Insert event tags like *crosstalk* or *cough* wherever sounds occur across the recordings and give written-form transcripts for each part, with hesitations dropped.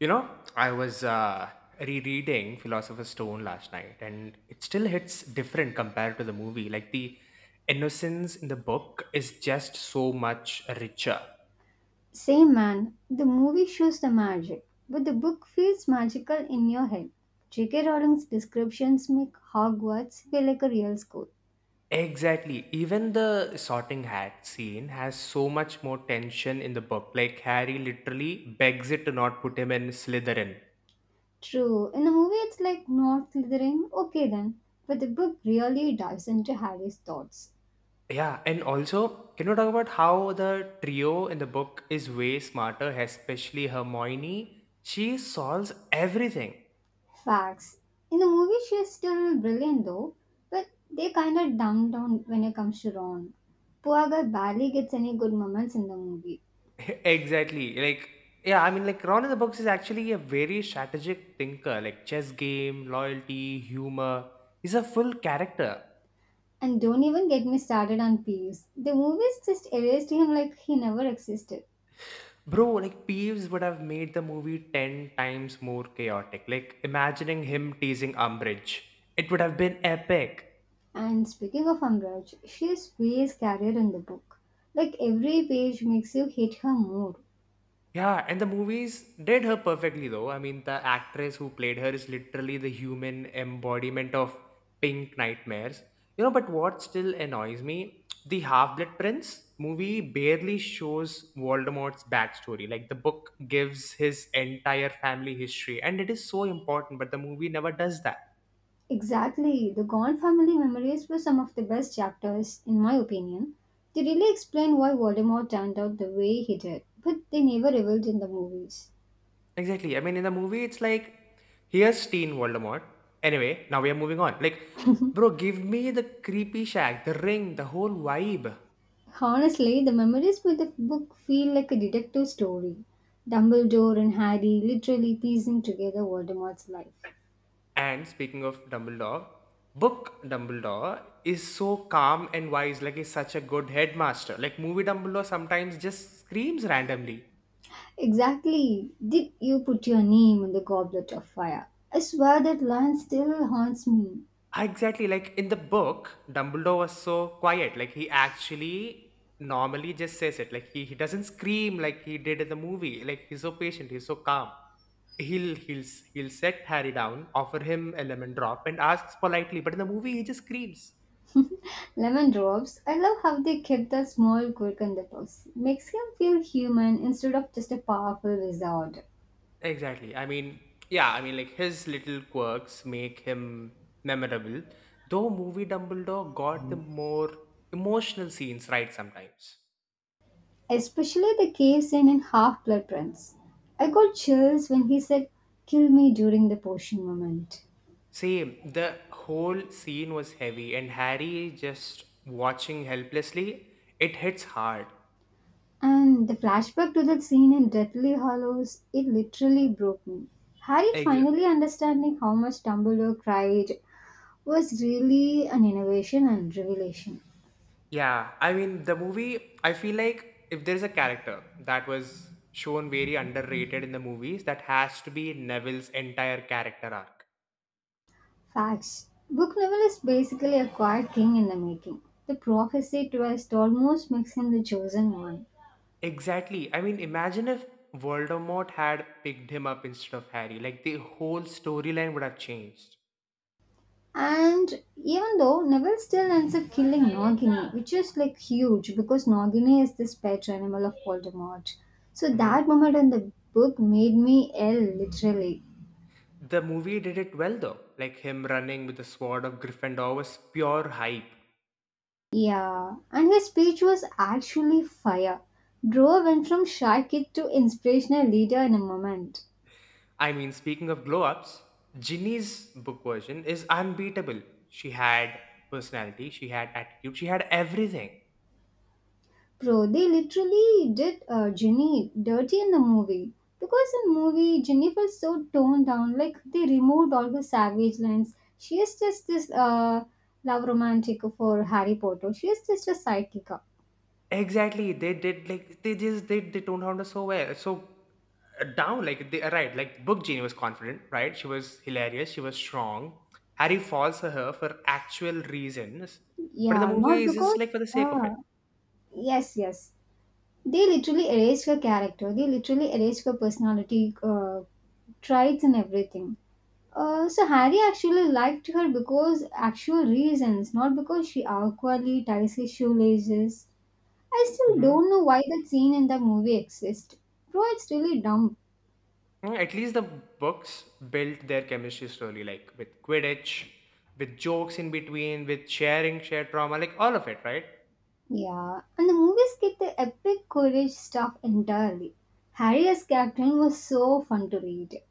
You know, I was rereading Philosopher's Stone last night, and it still hits different compared to the movie. Like the innocence in the book is just so much richer. Same man, the movie shows the magic, but the book feels magical in your head. J.K. Rowling's descriptions make Hogwarts feel like a real school. Exactly. Even the sorting hat scene has so much more tension in the book. Like Harry literally begs it to not put him in Slytherin. True, in the movie it's like not Slytherin, okay then, but the book really dives into Harry's thoughts. Yeah, and also, can you talk about how the trio in the book is way smarter, especially Hermione? She solves everything. Facts. In the movie she's still brilliant though, but they kinda dumb down when it comes to Ron. Poor guy barely gets any good moments in the movie. *laughs* Exactly. Like, Ron in the Books is actually a very strategic thinker, like, chess game, loyalty, humor. He's a full character. And don't even get me started on Peeves. The movies just erased him like he never existed. Bro, like, Peeves would have made the movie 10 times more chaotic. Like, imagining him teasing Umbridge, it would have been epic. And speaking of Amraj, she's way scarier in the book. Like every page makes you hate her more. Yeah, and the movies did her perfectly though. I mean, the actress who played her is literally the human embodiment of pink nightmares. You know, but what still annoys me, the Half-Blood Prince movie barely shows Voldemort's backstory. Like the book gives his entire family history and it is so important, but the movie never does that. Exactly. The Gone Family Memories were some of the best chapters, in my opinion. They really explain why Voldemort turned out the way he did, but they never revealed in the movies. Exactly. I mean, in the movie it's like here's Teen Voldemort. Anyway, now we are moving on. Like, bro, give me the creepy shack, the ring, the whole vibe. Honestly, the memories with the book feel like a detective story. Dumbledore and Harry literally piecing together Voldemort's life. And speaking of Dumbledore, book Dumbledore is so calm and wise, like he's such a good headmaster. Like movie Dumbledore sometimes just screams randomly. Exactly. Did you put your name in the goblet of fire? I swear that line still haunts me. Ah, exactly, like in the book, Dumbledore was so quiet. Like he actually normally just says it. Like he doesn't scream like he did in the movie. Like he's so patient, he's so calm. He'll set Harry down, offer him a lemon drop, and asks politely. But in the movie, he just screams. Lemon drops. I love how they kept that small quirk in the books. Makes him feel human instead of just a powerful wizard. Exactly. I mean, his little quirks make him memorable, though movie Dumbledore got the more emotional scenes right sometimes. Especially the cave scene in Half Blood Prince. I got chills when he said, "Kill me during the potion moment." Same, the whole scene was heavy, and Harry just watching helplessly, it hits hard. And the flashback to that scene in Deathly Hollows, it literally broke me. Harry Ex- finally understanding how much Dumbledore cried was really an innovation and revelation. yeah, I mean, the movie, I feel like if there's a character that was shown very underrated in the movies, that has to be Neville's entire character arc. Facts. Book Neville is basically a quiet king in the making. The prophecy twist almost makes him the chosen one. Exactly. I mean, imagine if Voldemort had picked him up instead of Harry. Like the whole storyline would have changed. And even though Neville still ends up killing Nagini, which is like huge because Nagini is this pet animal of Voldemort. So hmm that moment in the book made me ill, literally. The movie did it well though. Like him running with the sword of Gryffindor was pure hype. Yeah, and his speech was actually fire. Bro went from shy kid to inspirational leader in a moment. I mean, speaking of glow ups, Ginny's book version is unbeatable. She had personality, she had attitude, she had everything. Bro, they literally did Ginny dirty in the movie. Because in movie, Ginny felt so toned down. Like they removed all the savage lines. She is just this love romantic for Harry Potter. She is just a sidekick. Exactly. They did like they just did they toned down so well. So down like they right, like Book Genie was confident, right? She was hilarious, she was strong. Harry falls for her for actual reasons. But the Yeah, movie not is just because. like for the sake of it. Uh, yes, yes. They literally erased her character. They literally erased her personality, traits, and everything. So Harry actually liked her because actual reasons, not because she awkwardly ties his shoelaces. I still hmm don't know why that scene in the movie exists. Bro, it's really dumb. Mm, at least the books built their chemistry slowly, like with Quidditch, with jokes in between, with sharing shared trauma, like all of it, right? Yeah, and the movie skipped the epic courage stuff entirely. Harry as captain was so fun to read.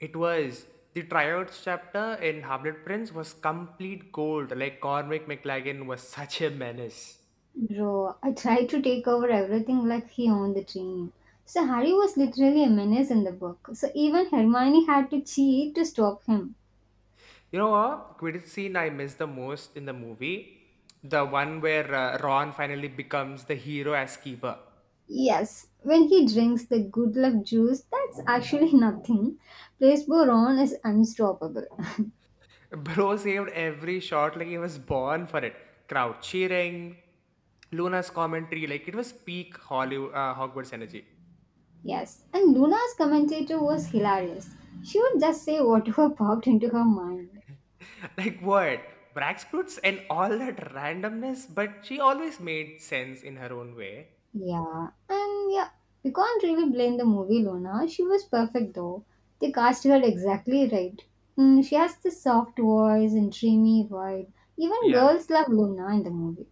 It was The tryouts chapter in Hamlet Prince was complete gold. Like Cormac McLaggen was *laughs* such a menace. Bro, I tried to take over everything like he owned the team. So Harry was literally a menace in the book. So even Hermione had to cheat to stop him. You know what Quidditch scene I miss the most in the movie? The one where Ron finally becomes the hero as keeper. Yes, when he drinks the good luck juice, that's actually *laughs* nothing. Place Boron is unstoppable. *laughs* *laughs* Bro saved every shot like he was born for it. Crowd cheering, Luna's commentary, like it was peak Hollywood, Hogwarts energy. Yes, and Luna's commentator was hilarious. She would just say whatever *laughs* popped into her mind. Like what? Brax and all that randomness, but she always made sense in her own way. Yeah, and yeah, we can't really blame the movie Luna. She was perfect though. They cast her exactly right. Mm, she has the soft voice and dreamy vibe. Even Yeah. girls love Luna in the movie.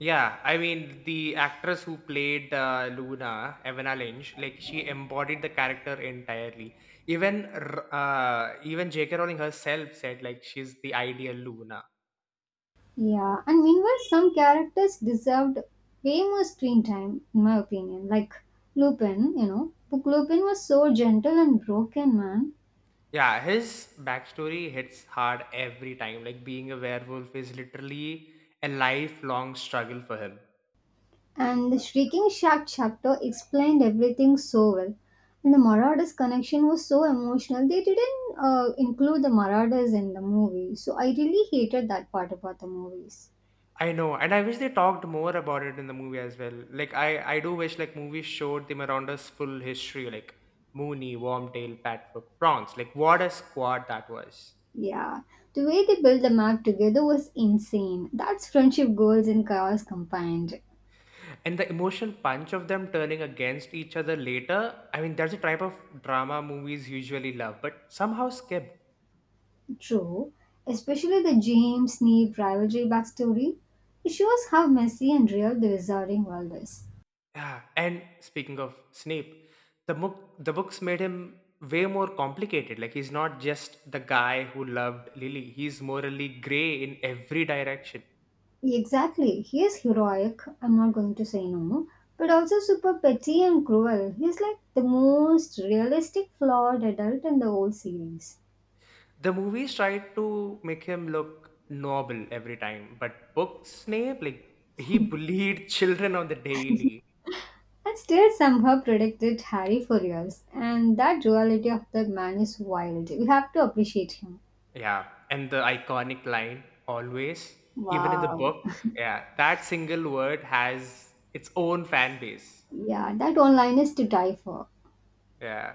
Yeah, I mean, the actress who played Luna, Evana Lynch, like she embodied the character entirely. Even J.K. Rowling herself said like she's the ideal Luna. Yeah, and meanwhile, some characters deserved way more screen time, in my opinion. Like Lupin, you know. Book Lupin was so gentle and broken, man. Yeah, his backstory hits hard every time. Like being a werewolf is literally a lifelong struggle for him. And the Shrieking Shack chapter explained everything so well. And the Marauders connection was so emotional. They didn't include the Marauders in the movie. So I really hated that part about the movies. I know, and I wish they talked more about it in the movie as well. Like I do wish like movies showed the Timaronda's full history, like Mooney, Wormtail, Patfoot, Prawns. Like what a squad that was. Yeah, the way they built the map together was insane. That's friendship goals and chaos combined. And the emotional punch of them turning against each other later, I mean that's a type of drama movies usually love, but somehow skipped. True, especially the James Neve rivalry backstory. It shows how messy and real the Wizarding world is. Yeah. And speaking of Snape, the books made him way more complicated. Like he's not just the guy who loved Lily. He's morally grey in every direction. Exactly, he is heroic, I'm not going to say no, but also super petty and cruel. He's like the most realistic, flawed adult in the whole series. The movies tried to make him look noble every time, but book Snape, like he bullied *laughs* children on the daily. And still somehow predicted Harry for years, and that duality of that man is wild. We have to appreciate him. Yeah, and the iconic line always, even in the Wow. book, yeah, that single word has its own fan base. Yeah, that one line is to die for. Yeah.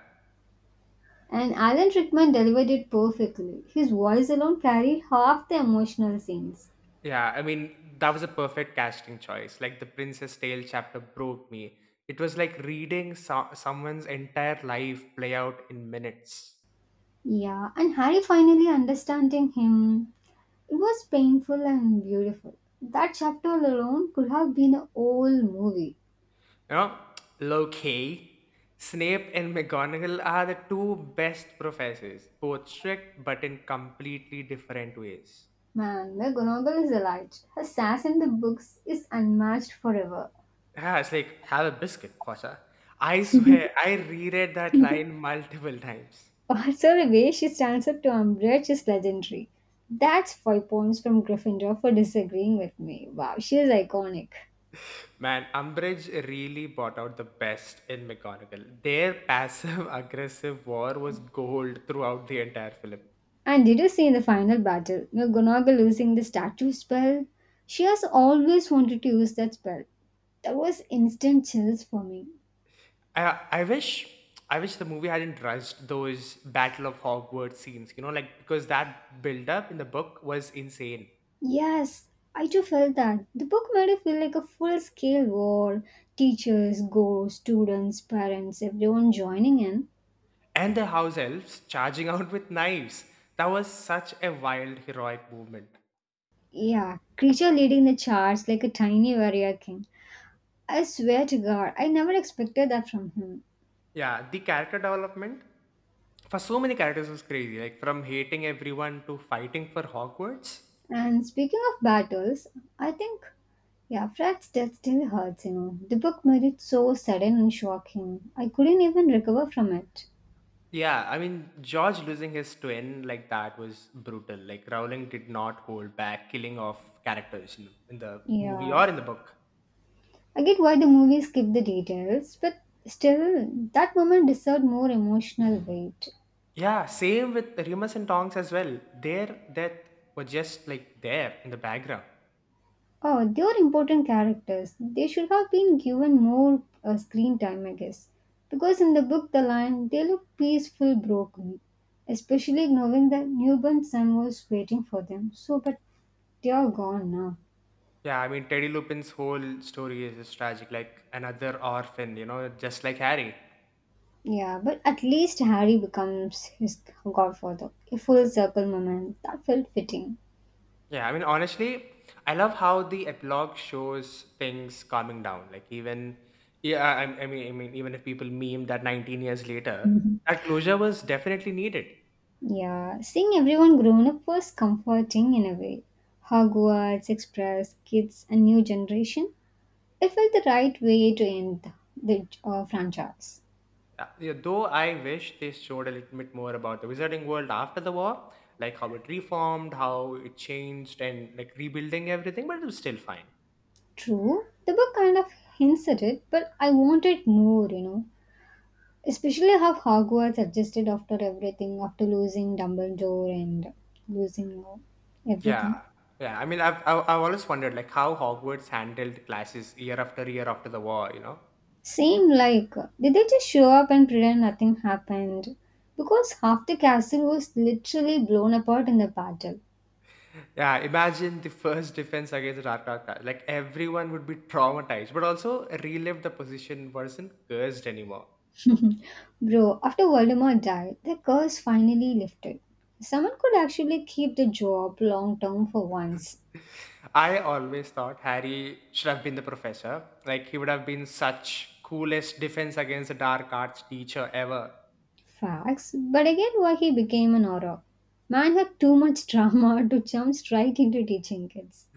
And Alan Rickman delivered it perfectly. His voice alone carried half the emotional scenes. Yeah, I mean, that was a perfect casting choice. Like the Princess Tale chapter broke me. It was like reading someone's entire life play out in minutes. Yeah, and Harry finally understanding him. It was painful and beautiful. That chapter alone could have been a whole movie. You know, low key, Snape and McGonagall are the two best professors, both strict but in completely different ways. Man, McGonagall is alight. Her sass in the books is unmatched forever. Yeah, it's like, have a biscuit, Potter. I swear, I reread that line multiple times. Also, the way she stands up to Umbridge is legendary. That's five points from Gryffindor for disagreeing with me. Wow, she is iconic. Man, Umbridge really brought out the best in McGonagall. Their passive *laughs* aggressive war was gold throughout the entire film. And did you see in the final battle, Nobunaga losing the statue spell? She has always wanted to use that spell. That was instant chills for me. I I wish I wish the movie hadn't rushed those Battle of Hogwarts scenes, you know, like because that build up in the book was insane. Yes, I too felt that. The book made it feel like a full scale war teachers, ghosts, students, parents, everyone joining in. And the house elves charging *laughs* out with knives. That was such a wild heroic movement. Yeah, creature leading the charge like a tiny warrior king. I swear to God, I never expected that from him. Yeah, the character development for so many characters was crazy, like from hating everyone to fighting for Hogwarts. And speaking of battles, I think yeah, Fred's death still hurts, you know. The book made it so sudden and shocking. I couldn't even recover from it. Yeah, I mean George losing his twin like that was brutal. Like Rowling did not hold back killing off characters in the movie Yeah. or in the book. I get why the movie skipped the details, but still, that moment deserved more emotional weight. Yeah, same with Remus and Tonks as well. Their death was just like there in the background. Oh, they were important characters. They should have been given more screen time, I guess. Because in the book, the line, they look peaceful, broken. Especially knowing that newborn son was waiting for them. So, but they are gone now. Yeah, I mean Teddy Lupin's whole story is just tragic, like another orphan, you know, just like Harry. Yeah, but at least Harry becomes his godfather. A full circle moment. That felt fitting. Yeah, I mean honestly, I love how the epilogue shows things calming down. Like even yeah, I mean even if people meme that 19 years later, Mhm. that closure was definitely needed. Yeah, seeing everyone grown up was comforting in a way. Hogwarts Express, kids, a new generation. It felt the right way to end the franchise. Yeah, though I wish they showed a little bit more about the Wizarding World after the war, like how it reformed, how it changed, and like rebuilding everything, but it was still fine. True, the book kind of hints at it, but I wanted more, you know. Especially how Hogwarts adjusted after everything, after losing Dumbledore and losing Yeah, everything. yeah. I mean, I've always wondered like how Hogwarts handled classes year after year after the war. You know. Seemed like did they just show up and pretend nothing happened? Because half the castle was literally blown apart in the battle. Yeah, imagine the first defense against Rakaka. Like everyone would be traumatized, but also relive the position wasn't cursed anymore. Bro, after Voldemort died, the curse finally lifted. Someone could actually keep the job long term for once. I always thought Harry should have been the professor. Like he would have been such coolest defense against the dark arts teacher ever. Facts, but again, why he became an horror. Man had too much drama *laughs* to jump straight into teaching kids.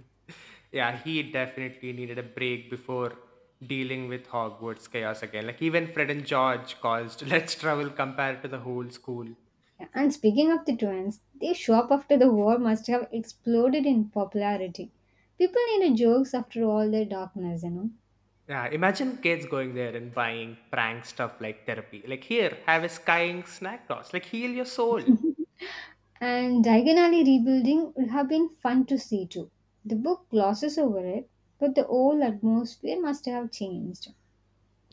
Yeah, he definitely needed a break before dealing with Hogwarts chaos again. Like even Fred and George caused *laughs* let's travel compared to the whole school. Yeah, and speaking of the twins, their shop after the war must have exploded in popularity. People needed jokes after all their darkness, you know. Yeah, imagine kids going there and buying prank stuff like therapy. Like here, have a skying snack toss. Like heal your soul. And Diagon Alley rebuilding would have been fun to see too. The book glosses over it, but the whole atmosphere must have changed.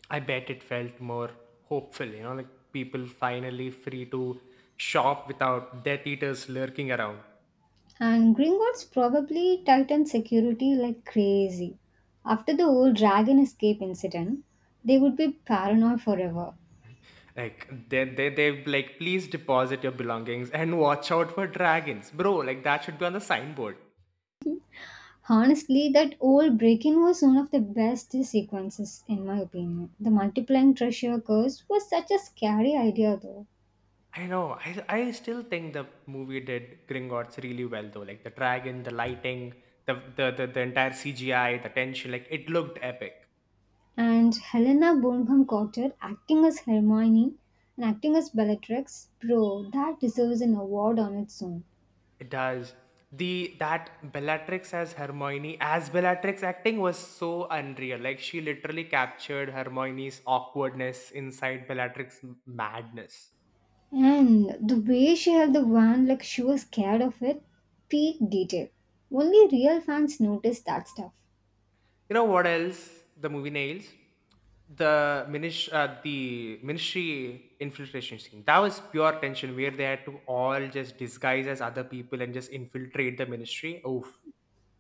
I bet it felt more hopeful, you know, like people finally free to shop without death eaters lurking around. And Gringotts probably tightened security like crazy. After the old dragon escape incident, they would be paranoid forever. Like they like please deposit your belongings and watch out for dragons. Bro, like that should be on the signboard. Honestly, that old break-in was one of the best sequences in my opinion. The multiplying treasure curse was such a scary idea though. I know. I still think the movie did Gringotts really well though. Like the dragon, the lighting, the entire CGI, the tension, like it looked epic. And Helena Bonham Carter acting as Hermione and acting as Bellatrix, bro, that deserves an award on its own. It does. The that Bellatrix as Hermione as Bellatrix acting was so unreal. Like she literally captured Hermione's awkwardness inside Bellatrix madness. And the way she held the wand like she was scared of it, peak detail. Only real fans notice that stuff. You know what else the movie nails? The ministry infiltration scene. That was pure tension where they had to all just disguise as other people and just infiltrate the ministry. Oof.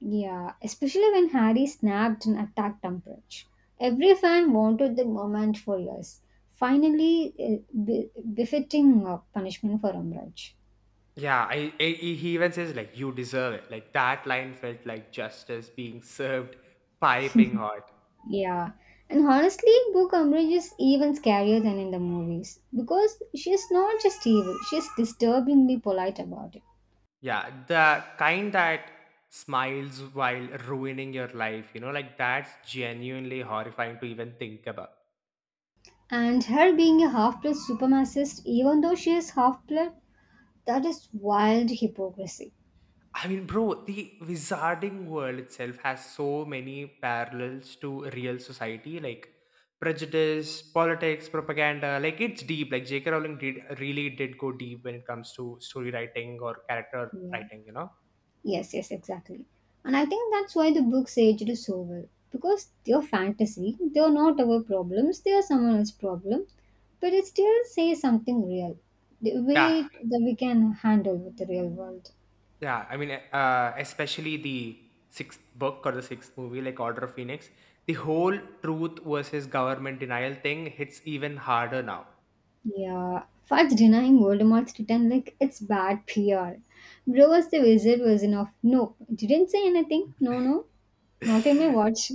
Yeah, especially when Harry snapped and attacked Umbridge. Every fan wanted the moment for years. Finally, befitting punishment for Umbridge. Yeah, I he even says like you deserve it. Like that line felt like justice being *laughs* served piping hot. Yeah, and honestly, Book Umbridge is even scarier than in the movies because she is not just evil; she is disturbingly polite about it. Yeah, the kind that smiles while ruining your life, you know, like that's genuinely horrifying to even think about. And her being a half-blood supremacist, even though she is half-blood, that is wild hypocrisy. I mean, bro, the wizarding world itself has so many parallels to real society, like prejudice, politics, propaganda. Like it's deep. Like J.K. Rowling did really did go deep when it comes to story writing or character Yeah. writing. You know? Yes, yes, exactly. And I think that's why the books aged so well. Because they're fantasy, they're not our problems, they are someone else's problem. But it still says something real. The Yeah, way that we can handle with the real world. yeah. I mean, especially the sixth book or the sixth movie, like Order of Phoenix. The whole truth versus government denial thing hits even harder now. Yeah. Fudge denying Voldemort's return like it's bad PR. Bro was the wizard version of no, didn't say anything. No, no, not in my *laughs* watch.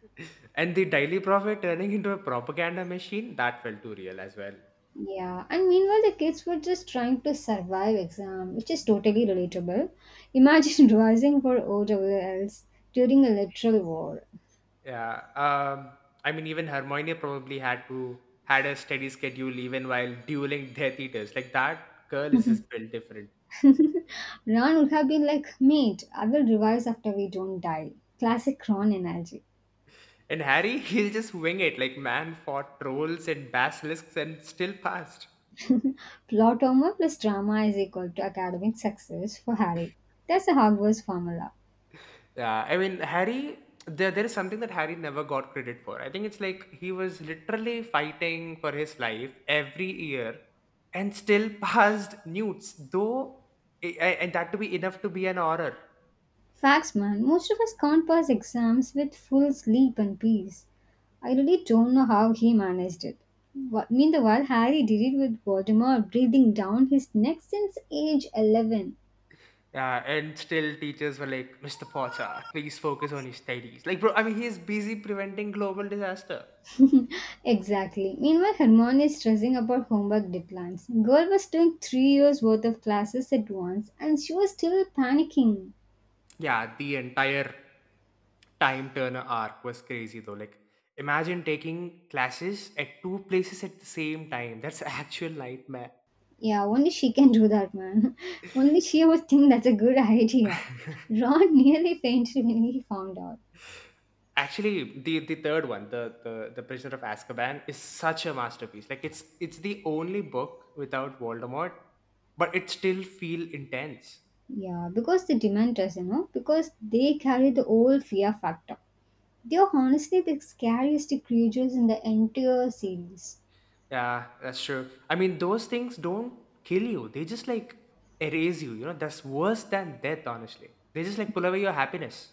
*laughs* And the daily prophet turning into a propaganda machine that felt too real as well. Yeah, and meanwhile, the kids were just trying to survive exam, which is totally relatable. Imagine *laughs* rising for OWLs during a literal war. *laughs* Yeah. um I mean even Hermione probably had a steady schedule even while dueling death eaters like that girl is Ron just built different. would have been like, mate, I will revise after we don't die. Classic Ron energy. And Harry, *laughs* he'll just wing it like man fought trolls and basilisks and still passed. *laughs* Plot armor plus drama is equal to academic success for Harry. That's a Hogwarts formula. Yeah, I mean Harry. There is something that Harry never got credit for. I think it's like he was literally fighting for his life every year, and still *laughs* passed Newts, though, and that to be enough to be an honor. Facts, man. Most of us can't pass exams with full sleep and peace. I really don't know how he managed it. Wha- meanwhile, Harry did it with Voldemort breathing down his neck since age 11. Yeah, and still teachers were like, Mr. Potter, please focus on your studies. Like, bro, I mean, he is busy preventing global disaster. *laughs* Exactly. Meanwhile, Hermione is stressing about homework deadlines. Girl was doing 3 years worth of classes at once and she was still panicking. Yeah, the entire time turner arc was crazy though. Like, imagine taking classes at two places at the same time. That's *laughs* actual nightmare. Yeah, only she can do that, man. *laughs* Only she would think that's a good idea. Ron *laughs* nearly fainted when he found out. Actually, the third one, the Prisoner of Azkaban, is such a masterpiece. Like, it's the only book without Voldemort, but it still feel intense. Yeah, because the Dementors, you know, because they carry the whole fear factor. They are honestly the scariest creatures in the entire series. Yeah, that's true. I mean, those things don't kill you. They just like erase you. You know, that's worse than death. Honestly, they just like pull away your happiness.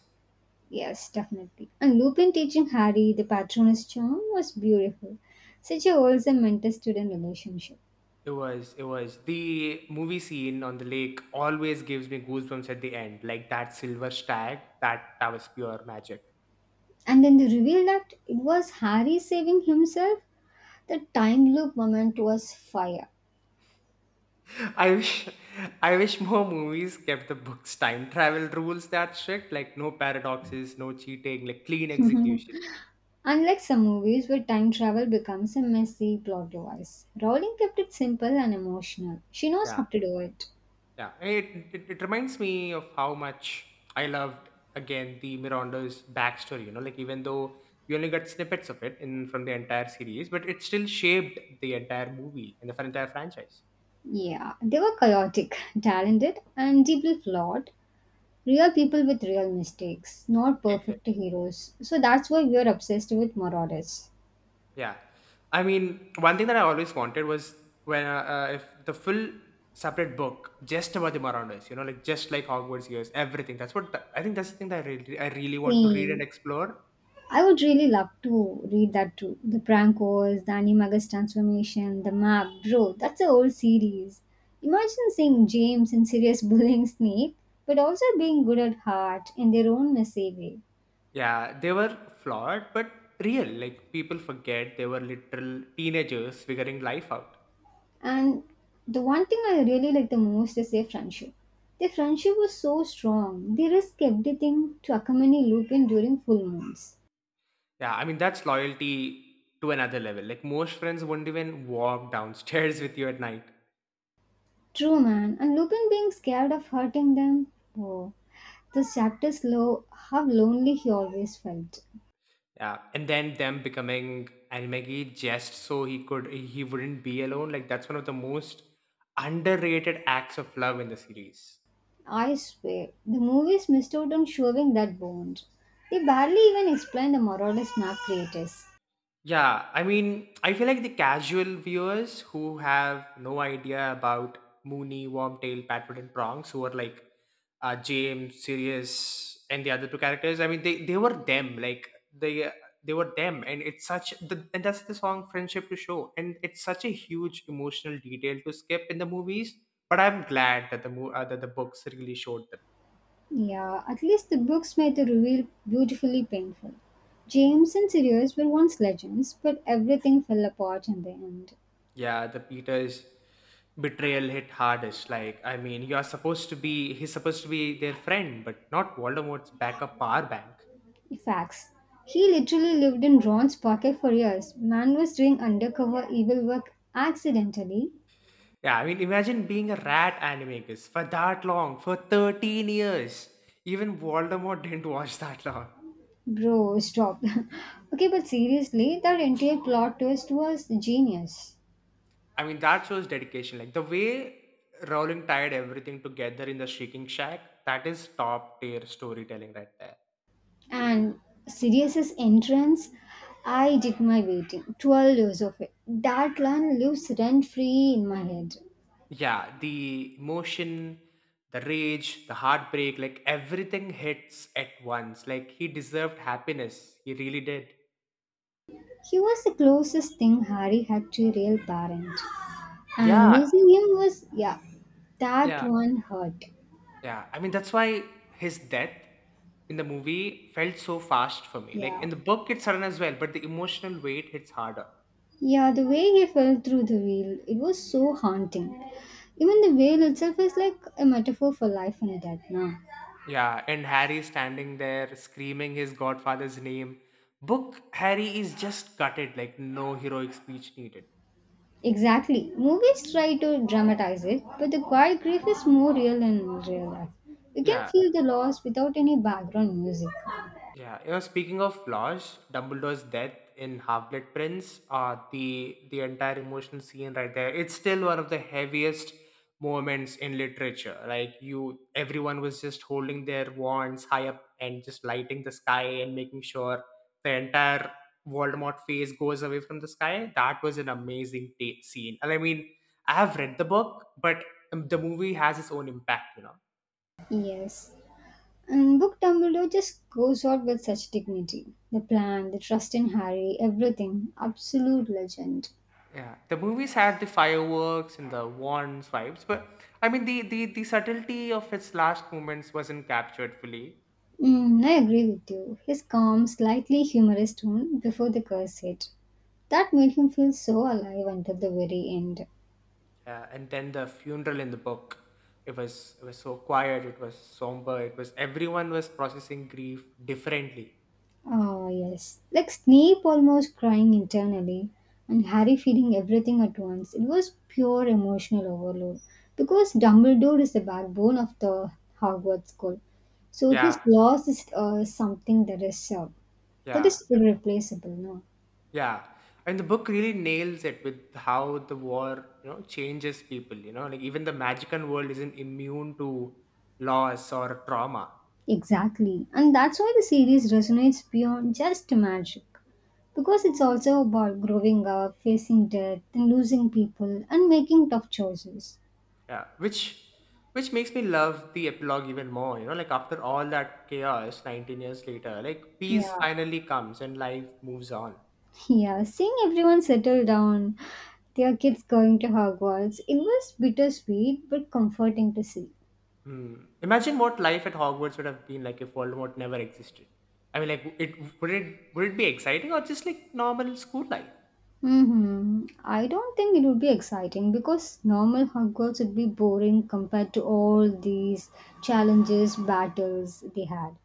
Yes, definitely. And Lupin teaching Harry the patronus charm was beautiful. Such a wholesome mentor student relationship. It was, it was. The movie scene on the lake always gives me goosebumps at the end. Like that silver stag, that was pure magic. And then the reveal that it was Harry saving himself, the time loop moment was fire. *laughs* I wish I wish more movies kept the book's time travel rules that strict, like no paradoxes, no cheating, like clean execution. *laughs* Unlike some movies where time travel becomes a messy plot device, Rowling kept it simple and emotional. She knows Yeah. how to do it. Yeah. It reminds me of how much I loved again the Miranda's backstory, you know, like even though we only got snippets of it in from the entire series, but it still shaped the entire movie and the entire franchise. Yeah, they were chaotic, *laughs* talented, and deeply flawed. Real people with real mistakes, not perfect Exactly. heroes. So that's why we are obsessed with Marauders. Yeah. I mean, one thing that I always wanted was when if the full separate book just about the Marauders, you know, like just like Hogwarts years, everything. That's what I think. That's the thing that I really want to read and Same. explore. I would really love to read that too. The prank wars, the animagus transformation, the map. Bro, that's a whole series. Imagine seeing James and Sirius *laughs* bullying Snape, but also being good at heart in their own messy way. Yeah, they were flawed but real. Like people forget they were literal teenagers figuring life out. And the one thing I really like the most is their friendship. Their friendship was so strong, they risked everything to accompany Lupin during full moons. Yeah, I mean that's loyalty to another level. Like most friends wouldn't even walk downstairs *laughs* with you at night. True, man. And Lupin being scared of hurting them? Oh, this chapter's low, how lonely he always felt. Yeah, and then them becoming Almegi just so he wouldn't be alone. Like that's one of the most underrated acts of love in the series. I swear, the movies missed out on showing that bond. They barely even explain the moralist map creators. Yeah, I mean, I feel like the casual viewers who have no idea about Mooney, Wormtail, Patwood, and Prongs, who are like James, Sirius, and the other two characters. I mean, they were them, like they were them, and it's such the and that's the song "Friendship to Show," and it's such a huge emotional detail to skip in the movies. But I'm glad that the that the books really showed them. Yeah, at least the books made the reveal beautifully painful. James and Sirius were once legends, but everything fell apart in the end. Yeah, the Peter's betrayal hit hardest. Like, I mean, you're supposed to be, he's supposed to be their friend, but not Voldemort's backup power bank. Facts. He literally lived in Ron's pocket for years. Man was doing undercover evil work accidentally. Yeah, I mean, imagine being a rat animagus for that long, for 13 years. Even Voldemort *laughs* didn't watch that long. Bro, stop. *laughs* Okay, but seriously, that entire plot twist was genius. I mean, that shows dedication. Like, the way Rowling tied everything together in the Shrieking Shack, that is top tier storytelling right there. And Sirius's entrance, I did my waiting, 12 years of it. That line lives rent free in my head. Yeah, the emotion, the rage, the heartbreak, like everything hits at once. Like he deserved happiness. He really did. He was the closest thing Harry had to a real parent. And Yeah, losing him was, yeah, that yeah, one hurt. yeah. I mean, that's why his death in the movie felt so fast for me. Like Yeah. in the book, it's sudden as well, but the emotional weight hits harder. Yeah, the way he fell through the wheel, it was so haunting. Even the wheel itself is like a metaphor for life and death now. Yeah, and Harry standing there screaming his godfather's name. Book, Harry is just gutted, like no heroic speech needed. Exactly. Movies try to dramatize it, but the quiet grief is more real in real life. You can Yeah, feel the loss without any background music. yeah, you know, speaking of flaws, Dumbledore's death in Half Blood Prince, the entire emotional scene right there, it's still one of the heaviest moments in literature. Like you, everyone was just holding their wands high up and just lighting the sky and making sure the entire Voldemort face goes away from the sky. That was an amazing scene, and I mean, I have read the book, but the movie has its own impact, you know. Yes. And Book Dumbledore just goes out with such dignity. The plan, the trust in Harry, everything. Absolute legend. Yeah, the movies had the fireworks and the warm swipes, but I mean the subtlety of its last moments wasn't captured fully. Mm, I agree with you. His calm, slightly humorous tone before the curse hit. That made him feel so alive until the very end. And then the funeral in the book, it was so quiet, it was somber, it was everyone was processing grief differently. Ah, yes. Like Snape almost crying internally and Harry feeling everything at once. It was pure emotional overload because Dumbledore is the backbone of the Hogwarts school. So Yeah, his loss is something that yeah, is irreplaceable, no? yeah. And the book really nails it with how the war, you know, changes people. You know, like even the magical world isn't immune to loss or trauma. Exactly. And that's why the series resonates beyond just magic. Because it's also about growing up, facing death, and losing people and making tough choices. Yeah, which makes me love the epilogue even more. You know, like after all that chaos, 19 years later, like peace Yeah. finally comes and life moves on. Yeah, seeing everyone settle down, their kids going to Hogwarts, it was bittersweet but comforting to see. Hmm. Imagine what life at Hogwarts would have been like if Voldemort never existed. I mean, like it would it would it be exciting or just like normal school life? Mm-hmm. I don't think it would be exciting because normal Hogwarts would be boring compared to all these challenges, battles they had.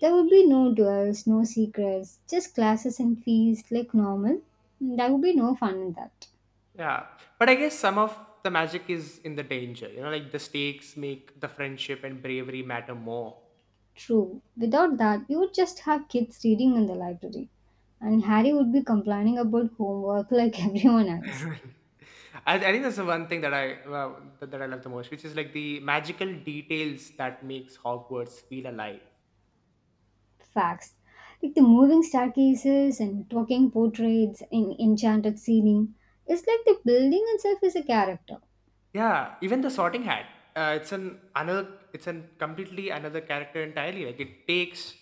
There would be no duels, no secrets, just classes and fees like normal. Mm, there would be no fun in that. Yeah, but I guess some of the magic is in the danger. You know, like the stakes make the friendship and bravery matter more. True. Without that, you would just have kids reading in the library. And Harry would be complaining about homework like *laughs* everyone else. *laughs* I think that's the one thing that that I love the most, which is like the magical details that makes Hogwarts feel alive. Facts. Like the moving staircases and talking portraits in enchanted ceiling. It's like the building itself is a character. Yeah, even the Sorting Hat. It's an another. It's an completely another character entirely. Like it takes,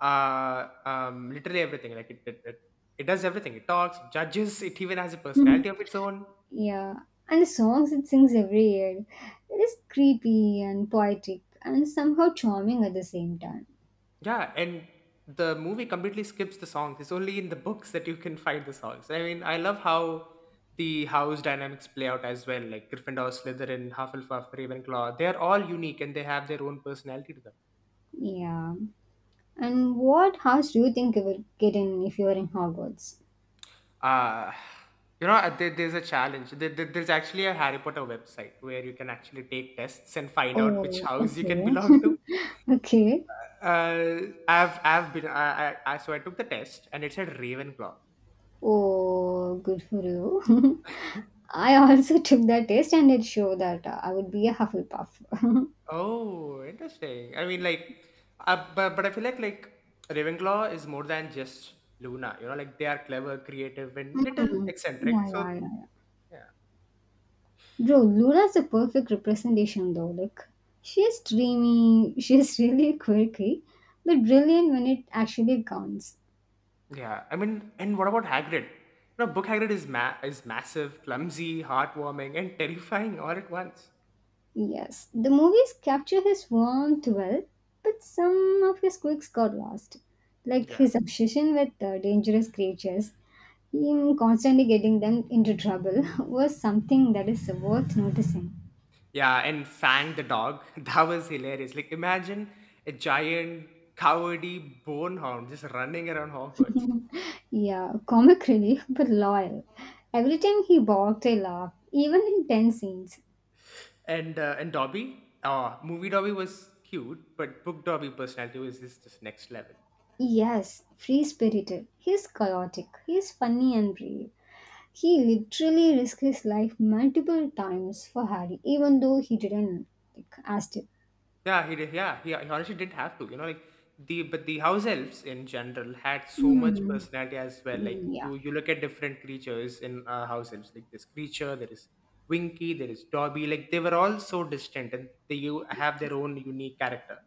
literally everything. Like it does everything. It talks, it judges. It even has a Mhm. personality of its own. Yeah. And the songs it sings every year. It is creepy and poetic and somehow charming at the same time. Yeah, and the movie completely skips the songs. It's only in the books that you can find the songs. I mean, I love how the house dynamics play out as well. Like Gryffindor, Slytherin, Hufflepuff, Ravenclaw, they are all unique and they have their own personality to them. Yeah. And what house do you think you will get in if you are in Hogwarts? Uh, you know, there, there's a challenge. There's actually a Harry Potter website where you can actually take tests and find out which Oh, house you can okay. belong to. *laughs* Okay. Uh, I so I took the test and it said Ravenclaw. Oh, good for you. *laughs* *laughs* I also took that test and it showed that I would be a Hufflepuff. *laughs* Oh, interesting. I mean, like, but I feel like Ravenclaw is more than just Luna. You know, like they are clever, creative, and little Mm. eccentric. Yeah, So yeah, yeah, yeah. yeah, Bro, Lula's a perfect representation though. Like, she's dreamy, *laughs* she's really quirky, but brilliant when it actually counts. yeah. I mean, and what about Hagrid? You know, Book Hagrid is is massive, clumsy, heartwarming, and *laughs* terrifying all at once. Yes, the movies capture his warmth well, but some of his quirks got lost. Like Yeah, his obsession with dangerous creatures, him constantly getting them into trouble *laughs* was something that is worth noticing. yeah. And Fang the dog, *laughs* that was hilarious. Like, imagine a giant, cowardly bonehound just running around Hogwarts. Yeah, comic relief, *laughs* but loyal. Every time he barked, I laughed, even in tense scenes. And Dobby, movie Dobby was cute, but book Dobby personality was just next level. Yes, free spirited. He's chaotic. He's funny and brave. He literally risked his life multiple times for Harry, even though he didn't, like, ask it. Yeah, he did. Yeah, he honestly didn't have to. You know, like the but the house elves in general had so much Mm, personality as well. Like mm, yeah. you look at different creatures in house elves. Like this creature, there is Winky, there is Dobby. Like they were all so distant, and they you have their own unique character.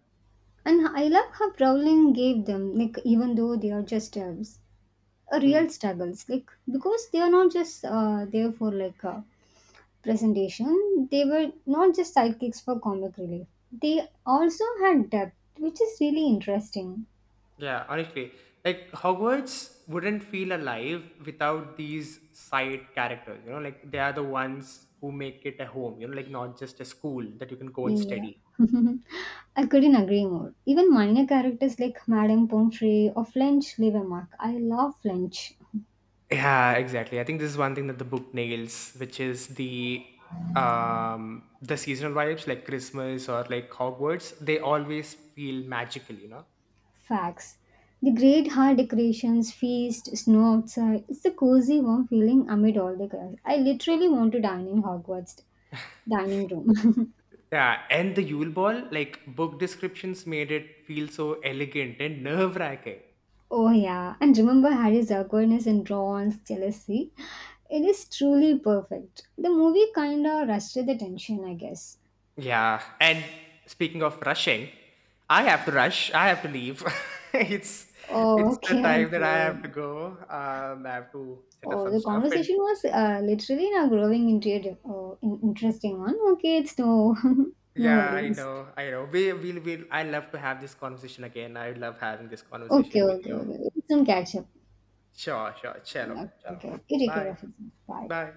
And I love how Rowling gave them, like, even though they are just a Hmm. real struggles, like, because they are not just there for like a presentation, they were not just sidekicks for comic relief. They also had depth, which is really interesting. Yeah, honestly, like Hogwarts wouldn't feel alive without these side characters. You know, like they are the ones who make it a home. You know, like not just a school that you can go and Yeah. study. *laughs* I couldn't agree more. Even minor characters like Madame Pomfrey or Flinch leave a mark. I love Flinch. Yeah, exactly. I think this is one thing that the book nails, which is the seasonal vibes like Christmas or like Hogwarts. They always feel magical. You know. Facts. The great hall decorations, feast, snow outside. It's a cozy, warm feeling amid all the chaos. I literally want to dine in Hogwarts dining room. Yeah, and the Yule Ball, like book descriptions made it feel so elegant and nerve-wracking. *laughs* Oh yeah, and remember Harry's awkwardness and Ron's jealousy. It is truly perfect. The movie kinda rushed the tension, I guess. Yeah. And speaking of rushing, I have to rush. I have to leave. *laughs* it's Oh, it's the okay, time that I okay. have to go. I have to set up Oh, some the stuff. And conversation was literally now growing into a di- oh, in- interesting one. Okay, it's no, *laughs* no yeah, I worries. know. I know. We will. We'll, I love to have this conversation again. I love having this Okay, conversation with okay, you. okay. We'll soon catch up. Sure. Sure. Chalo. Chalo. Okay, okay. You take care Bye. of yourself. Bye. Bye.